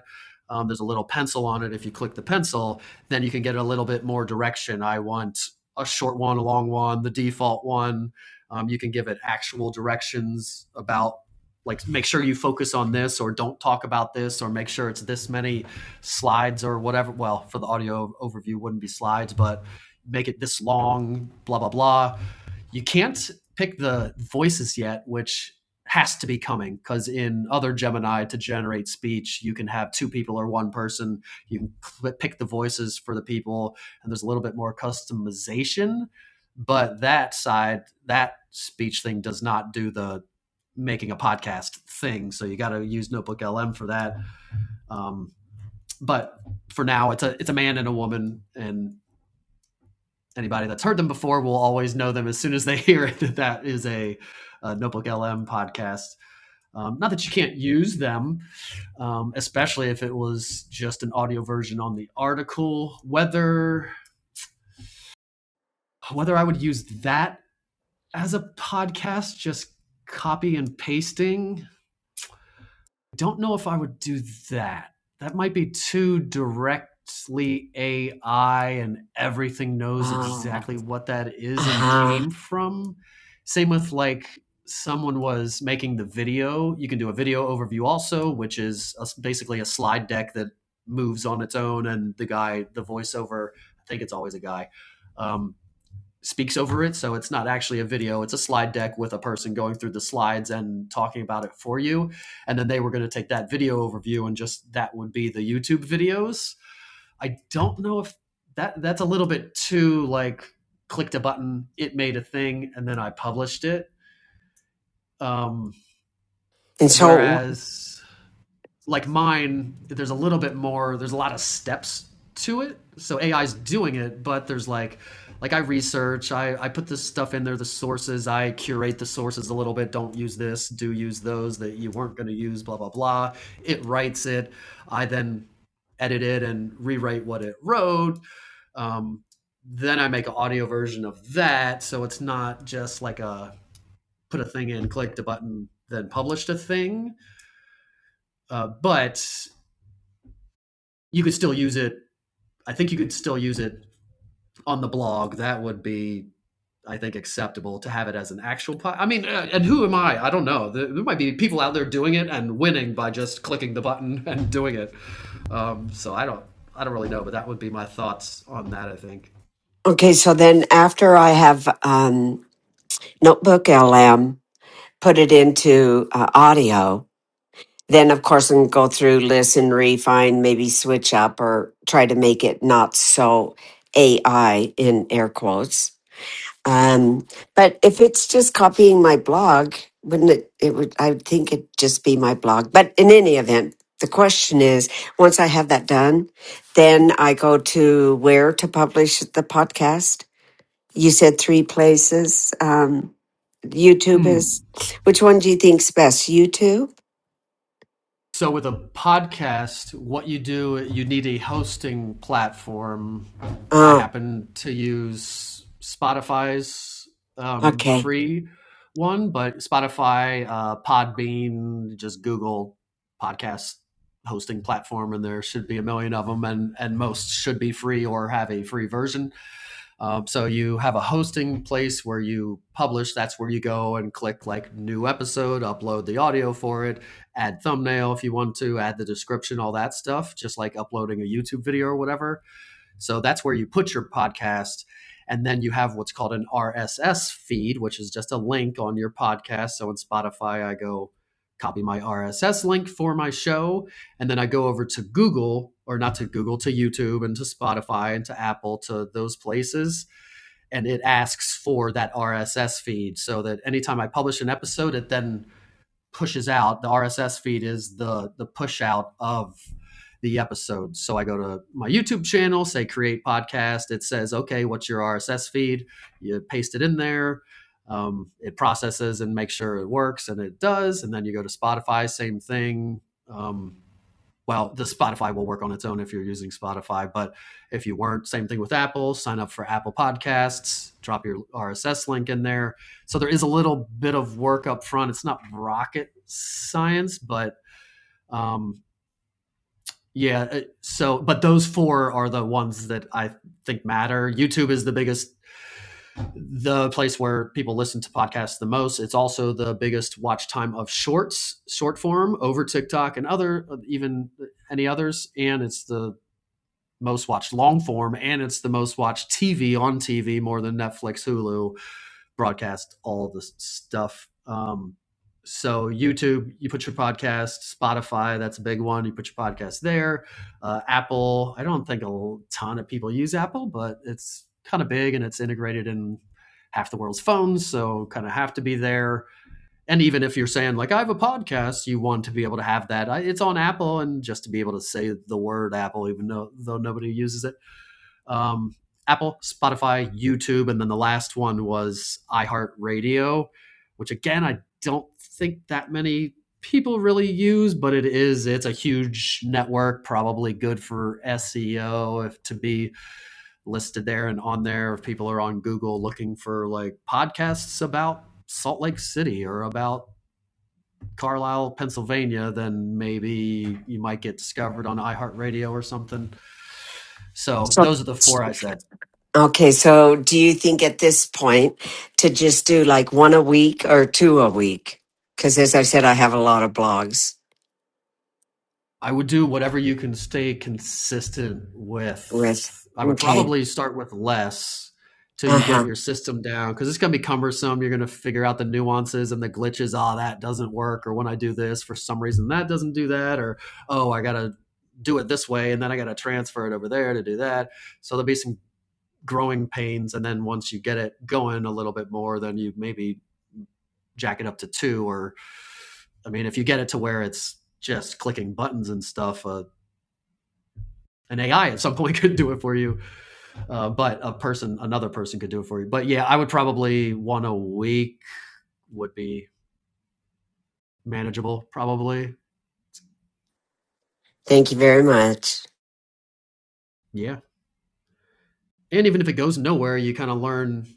Speaker 1: Um, there's a little pencil on it. If you click the pencil, then you can get a little bit more direction. I want a short one, a long one, the default one. Um, you can give it actual directions about like make sure you focus on this or don't talk about this or make sure it's this many slides or whatever. Well, for the audio overview, wouldn't be slides, but make it this long, blah, blah, blah. You can't pick the voices yet, which has to be coming because in other Gemini to generate speech, you can have two people or one person. You can cl- pick the voices for the people, and there's a little bit more customization. But that side, that speech thing does not do the making a podcast thing. So you got to use Notebook LM for that. Um, but for now, it's a it's a man and a woman, and anybody that's heard them before will always know them as soon as they hear it that that is a, a Notebook LM podcast. Um, not that you can't use them, um, especially if it was just an audio version on the article. Whether whether I would use that as a podcast, just copy and pasting don't know if I would do that. That might be too directly AI and everything knows
Speaker 4: wow
Speaker 1: exactly what that is and
Speaker 4: uh-huh
Speaker 1: came from. Same with like someone was making the video. You can do a video overview also, which is a s basically a slide deck that moves on its own, and the guy, the voiceover, I think it's always a guy. Um, speaks over it. So it's not actually a video, it's a slide deck with a person going through the slides and talking about it for you. And then they were going to take that video overview and just that would be the YouTube videos. I don't know if that that's a little bit too like clicked a button, it made a thing, and then I published it. Um,
Speaker 4: and so
Speaker 1: whereas like mine, there's a little bit more, there's a lot of steps to it. So AI's doing it, but there's like, like I research, I, I put this stuff in there, the sources, I curate the sources a little bit. Don't use this, do use those that you weren't going to use, blah, blah, blah. It writes it. I then edit it and rewrite what it wrote. Um, then I make an audio version of that. So it's not just like a put a thing in, click a button, then published a thing. Uh, but you could still use it. I think you could still use it on the blog. That would be, I think, acceptable to have it as an actual. Po- I mean, uh, and who am I? I don't know. There, there might be people out there doing it and winning by just clicking the button and doing it. Um, so I don't. I don't really know, but that would be my thoughts on that. I think.
Speaker 4: okay so then after i have um, notebook lm put it into uh, audio Then, of course, I can go through, listen, refine, maybe switch up or try to make it not so AI in air quotes. Um, but if it's just copying my blog, wouldn't it? It would. I would think it'd just be my blog. But in any event, the question is: once I have that done, then I go to where to publish the podcast. You said three places. Um, YouTube
Speaker 1: Hmm.
Speaker 4: is. Which one do you think's best? YouTube.
Speaker 1: So with a podcast, what you do, you need a hosting platform. I
Speaker 4: Oh,
Speaker 1: happen to use Spotify's um,
Speaker 4: okay.
Speaker 1: free one, but Spotify, uh, Podbean, just Google podcast hosting platform, and there should be a million of them, and and most should be free or have a free version. Um, so you have a hosting place where you publish. That's where you go and click like new episode, upload the audio for it, add thumbnail if you want to, add the description, all that stuff, just like uploading a YouTube video or whatever. So that's where you put your podcast. And then you have what's called an RSS feed, which is just a link on your podcast. So in Spotify, I go copy my RSS link for my show. And then I go over to Google, or not to Google, to YouTube and to Spotify and to Apple, to those places and it asks for that RSS feed so that anytime I publish an episode, it then pushes out. The RSS feed is the the push out of the episode. So I go to my YouTube channel, say create podcast. It says, okay, what's your RSS feed? You paste it in there. Um, it processes and makes sure it works, and it does. And then you go to Spotify, same thing. Um, well, the Spotify will work on its own if you're using Spotify, but if you weren't, same thing with Apple. Sign up for Apple Podcasts, drop your RSS link in there. So there is a little bit of work up front. It's not rocket science, but um, yeah. So, but those four are the ones that I think matter. YouTube is the biggest, the place where people listen to podcasts the most. It's also the biggest watch time of shorts, short form over TikTok and other, even any others. And it's the most watched long form and it's the most watched TV on TV more than Netflix, Hulu broadcast all the stuff. Um, so YouTube, you put your podcast, Spotify, that's a big one. You put your podcast there. Uh, Apple, I don't think a ton of people use Apple, but it's kind of big and it's integrated in half the world's phones, so kind of have to be there. And even if you're saying like I have a podcast, you want to be able to have that. it's on Apple, and just to be able to say the word Apple, even though though nobody uses it um, Apple, Spotify, YouTube, and then the last one was iHeartRadio, which again I don't think that many people really use, but it is it's a huge network, probably good for SEO if to be listed there and on there if people are on Google looking for like podcasts about Salt Lake City or about Carlisle, Pennsylvania, then maybe you might get discovered on iHeartRadio or something. So
Speaker 4: So
Speaker 1: those are the four I said.
Speaker 4: Okay, so do you think at this point to just do like one a week or two a week? Because as I said, I have a lot of blogs
Speaker 1: I would do whatever you can stay consistent with.
Speaker 4: with.
Speaker 1: I would
Speaker 4: Okay.
Speaker 1: probably start with less till
Speaker 4: Uh
Speaker 1: you get
Speaker 4: huh.
Speaker 1: your system down because it's going to be cumbersome. You're going to figure out the nuances and the glitches. Ah, that doesn't work. Or when I do this, for some reason, that doesn't do that. Or, oh, I got to do it this way and then I got to transfer it over there to do that. So there'll be some growing pains. And then once you get it going a little bit more, then you maybe jack it up to two. Or, I mean, if you get it to where it's just clicking buttons and stuff, uh, an AI at some point could do it for you. Uh, but a person, another person could do it for you. But yeah, I would probably one a week would be manageable, probably.
Speaker 4: Thank you very much.
Speaker 1: Yeah. And even if it goes nowhere, you kind of learn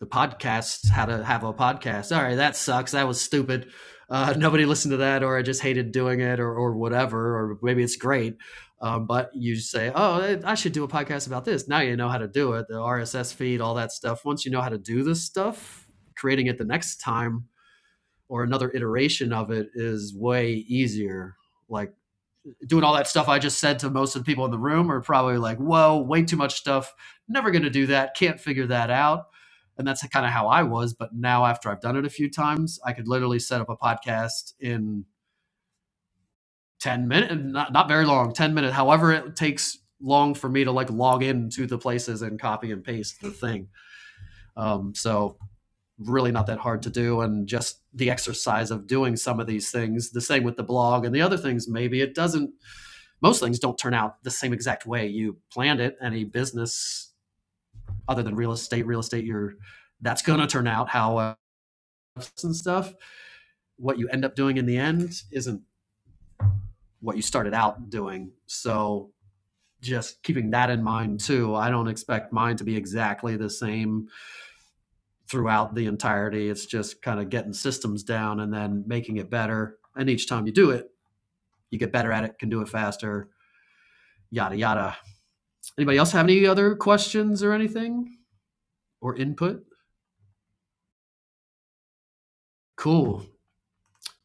Speaker 1: the podcasts, how to have a podcast. All right, that sucks. That was stupid. Uh, nobody listened to that, or I just hated doing it, or, or whatever, or maybe it's great. Um, but you say, oh, I should do a podcast about this. Now you know how to do it, the RSS feed, all that stuff. Once you know how to do this stuff, creating it the next time or another iteration of it is way easier. Like doing all that stuff I just said to most of the people in the room are probably like, whoa, way too much stuff. Never going to do that. Can't figure that out. And that's kind of how I was. But now, after I've done it a few times, I could literally set up a podcast in 10 minutes, not, not very long, 10 minutes, however it takes long for me to like log into the places and copy and paste the thing. Um, so really not that hard to do and just the exercise of doing some of these things the same with the blog and the other things maybe it doesn't most things don't turn out the same exact way you planned it any business other than real estate real estate you're that's going to turn out how uh, and stuff what you end up doing in the end isn't what you started out doing so just keeping that in mind too i don't expect mine to be exactly the same throughout the entirety. It's just kind of getting systems down and then making it better. And each time you do it, you get better at it, can do it faster, yada, yada. Anybody else have any other questions or anything or input? Cool.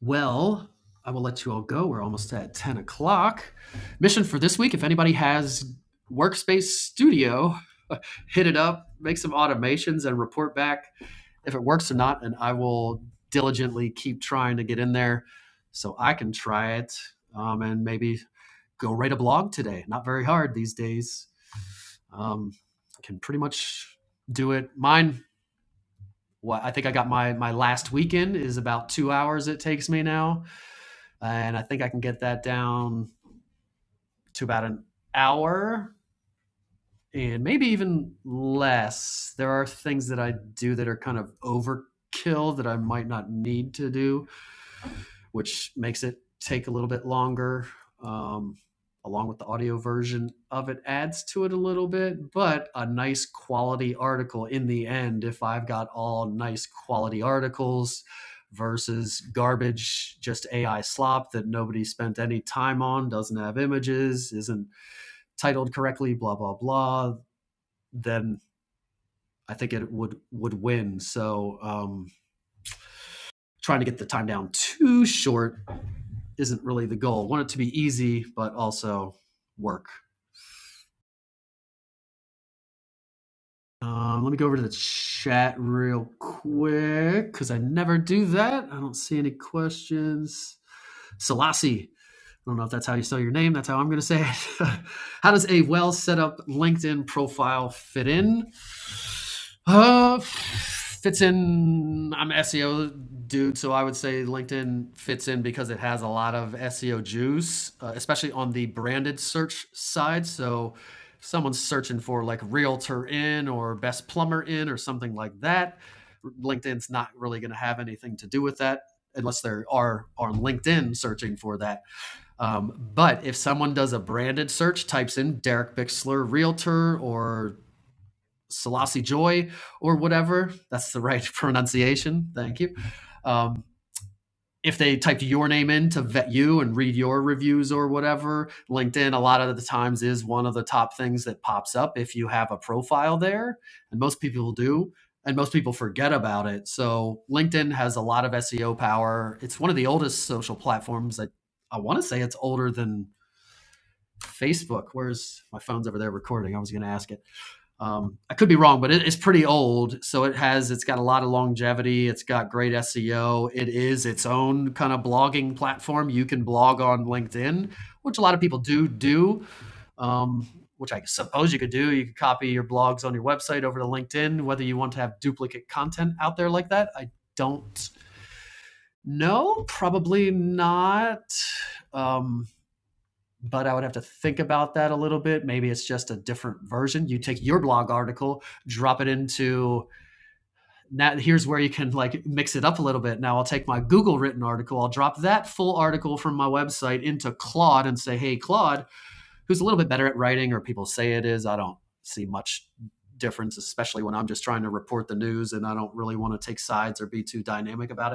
Speaker 1: Well, I will let you all go. We're almost at 10 o'clock. Mission for this week if anybody has Workspace Studio, hit it up, make some automations, and report back if it works or not, and I will diligently keep trying to get in there so I can try it um, and maybe go write a blog today. Not very hard these days. Um, can pretty much do it. Mine, what I think I got my my last weekend is about two hours it takes me now, and I think I can get that down to about an hour and maybe even less. There are things that I do that are kind of overkill that I might not need to do which makes it take a little bit longer. Um, along with the audio version of it adds to it a little bit, but a nice quality article in the end. If I've got all nice quality articles versus garbage, just AI slop that nobody spent any time on, doesn't have images, isn't titled correctly, blah blah blah, then I think it would would win. So um, trying to get the time down too short isn't really the goal. I Want it to be easy, but also work. Um, let me go over to the chat real quick because I never do that. I don't see any questions. Selassie, I don't know if that's how you spell your name. That's how I'm going to say it. how does a well set up LinkedIn profile fit in? Uh, fits in. I'm an SEO dude, so I would say LinkedIn fits in because it has a lot of SEO juice, uh, especially on the branded search side. So if someone's searching for like realtor in or best plumber in or something like that, LinkedIn's not really going to have anything to do with that unless they are on LinkedIn searching for that. Um, but if someone does a branded search, types in Derek Bixler realtor or Selassie Joy or whatever. That's the right pronunciation. Thank you. Um, if they typed your name in to vet you and read your reviews or whatever, LinkedIn a lot of the times is one of the top things that pops up if you have a profile there. And most people do. And most people forget about it. So LinkedIn has a lot of SEO power. It's one of the oldest social platforms. I, I want to say it's older than Facebook. Where's my phone's over there recording? I was going to ask it. Um, I could be wrong, but it, it's pretty old. So it has, it's got a lot of longevity. It's got great SEO. It is its own kind of blogging platform. You can blog on LinkedIn, which a lot of people do do, um, which I suppose you could do. You could copy your blogs on your website over to LinkedIn. Whether you want to have duplicate content out there like that, I don't know. Probably not. Um, but I would have to think about that a little bit. Maybe it's just a different version. You take your blog article, drop it into now here's where you can like mix it up a little bit. Now I'll take my Google written article, I'll drop that full article from my website into Claude and say, "Hey Claude, who's a little bit better at writing or people say it is. I don't see much difference especially when I'm just trying to report the news and I don't really want to take sides or be too dynamic about it."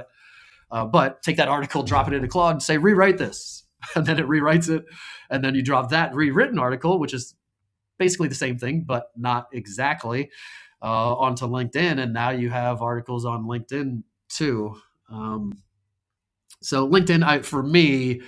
Speaker 1: Uh, but take that article, drop it into Claude, and say rewrite this, and then it rewrites it, and then you drop that rewritten article, which is basically the same thing but not exactly, uh, onto LinkedIn, and now you have articles on LinkedIn too. Um, so LinkedIn, I, for me,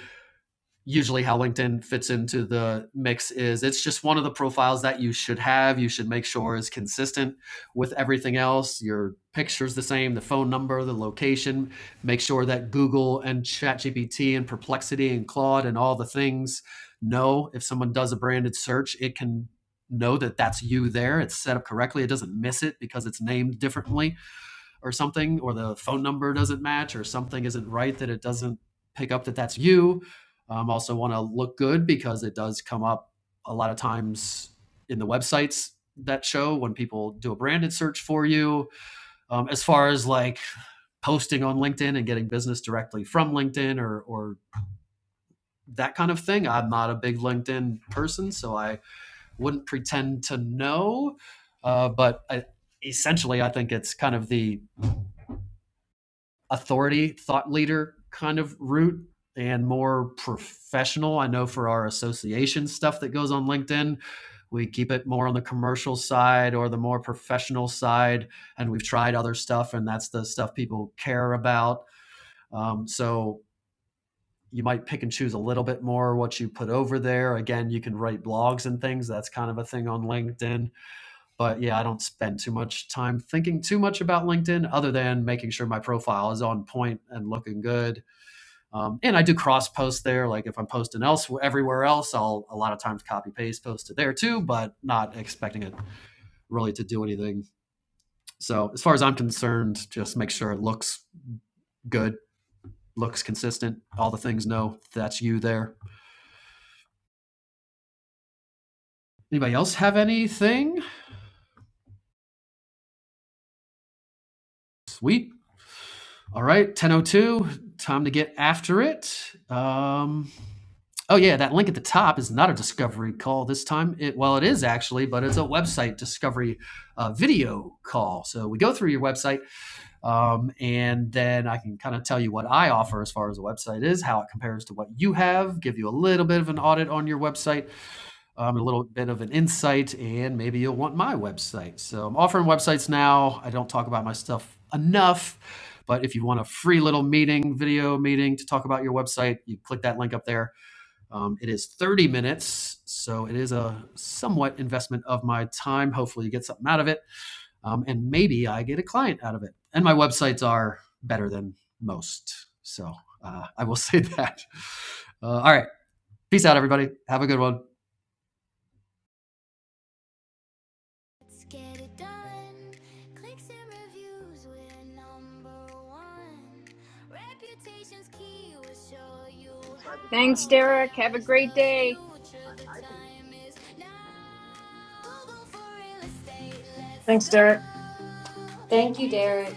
Speaker 1: usually how LinkedIn fits into the mix is it's just one of the profiles that you should have. You should make sure is consistent with everything else. Your picture's the same, the phone number, the location. Make sure that Google and ChatGPT and Perplexity and Claude and all the things know if someone does a branded search, it can know that that's you there. It's set up correctly. It doesn't miss it because it's named differently or something, or the phone number doesn't match, or something isn't right that it doesn't pick up that that's you. Um, also, want to look good because it does come up a lot of times in the websites that show when people do a branded search for you. Um, as far as like posting on LinkedIn and getting business directly from LinkedIn or or that kind of thing, I'm not a big LinkedIn person, so I wouldn't pretend to know. Uh, but I, essentially, I think it's kind of the authority thought leader kind of route and more professional. I know for our association stuff that goes on LinkedIn, we keep it more on the commercial side or the more professional side. And we've tried other stuff, and that's the stuff people care about. Um, so you might pick and choose a little bit more what you put over there. Again, you can write blogs and things. That's kind of a thing on LinkedIn. But yeah, I don't spend too much time thinking too much about LinkedIn other than making sure my profile is on point and looking good um, and I do cross post there. Like if I'm posting elsewhere, everywhere else, I'll a lot of times copy paste post to there too, but not expecting it really to do anything. So as far as I'm concerned, just make sure it looks good, looks consistent. All the things know that's you there. Anybody else have anything? Sweet. All right, 10:02. Time to get after it. Um, Oh yeah, that link at the top is not a discovery call this time. It, well, it is actually, but it's a website discovery uh, video call. So we go through your website, um, and then I can kind of tell you what I offer as far as the website is, how it compares to what you have, give you a little bit of an audit on your website, um, a little bit of an insight, and maybe you'll want my website. So I'm offering websites now. I don't talk about my stuff enough. But if you want a free little meeting, video meeting to talk about your website, you click that link up there um, it is 30 minutes, so it is a somewhat investment of my time. Hopefully, you get something out of it, um, and maybe I get a client out of it. And my websites are better than most, so uh, I will say that. Uh, all right, peace out, everybody. Have a good one.
Speaker 5: Thanks, Derek. Have a great day.
Speaker 6: Thanks, Derek.
Speaker 7: Thank you, Derek.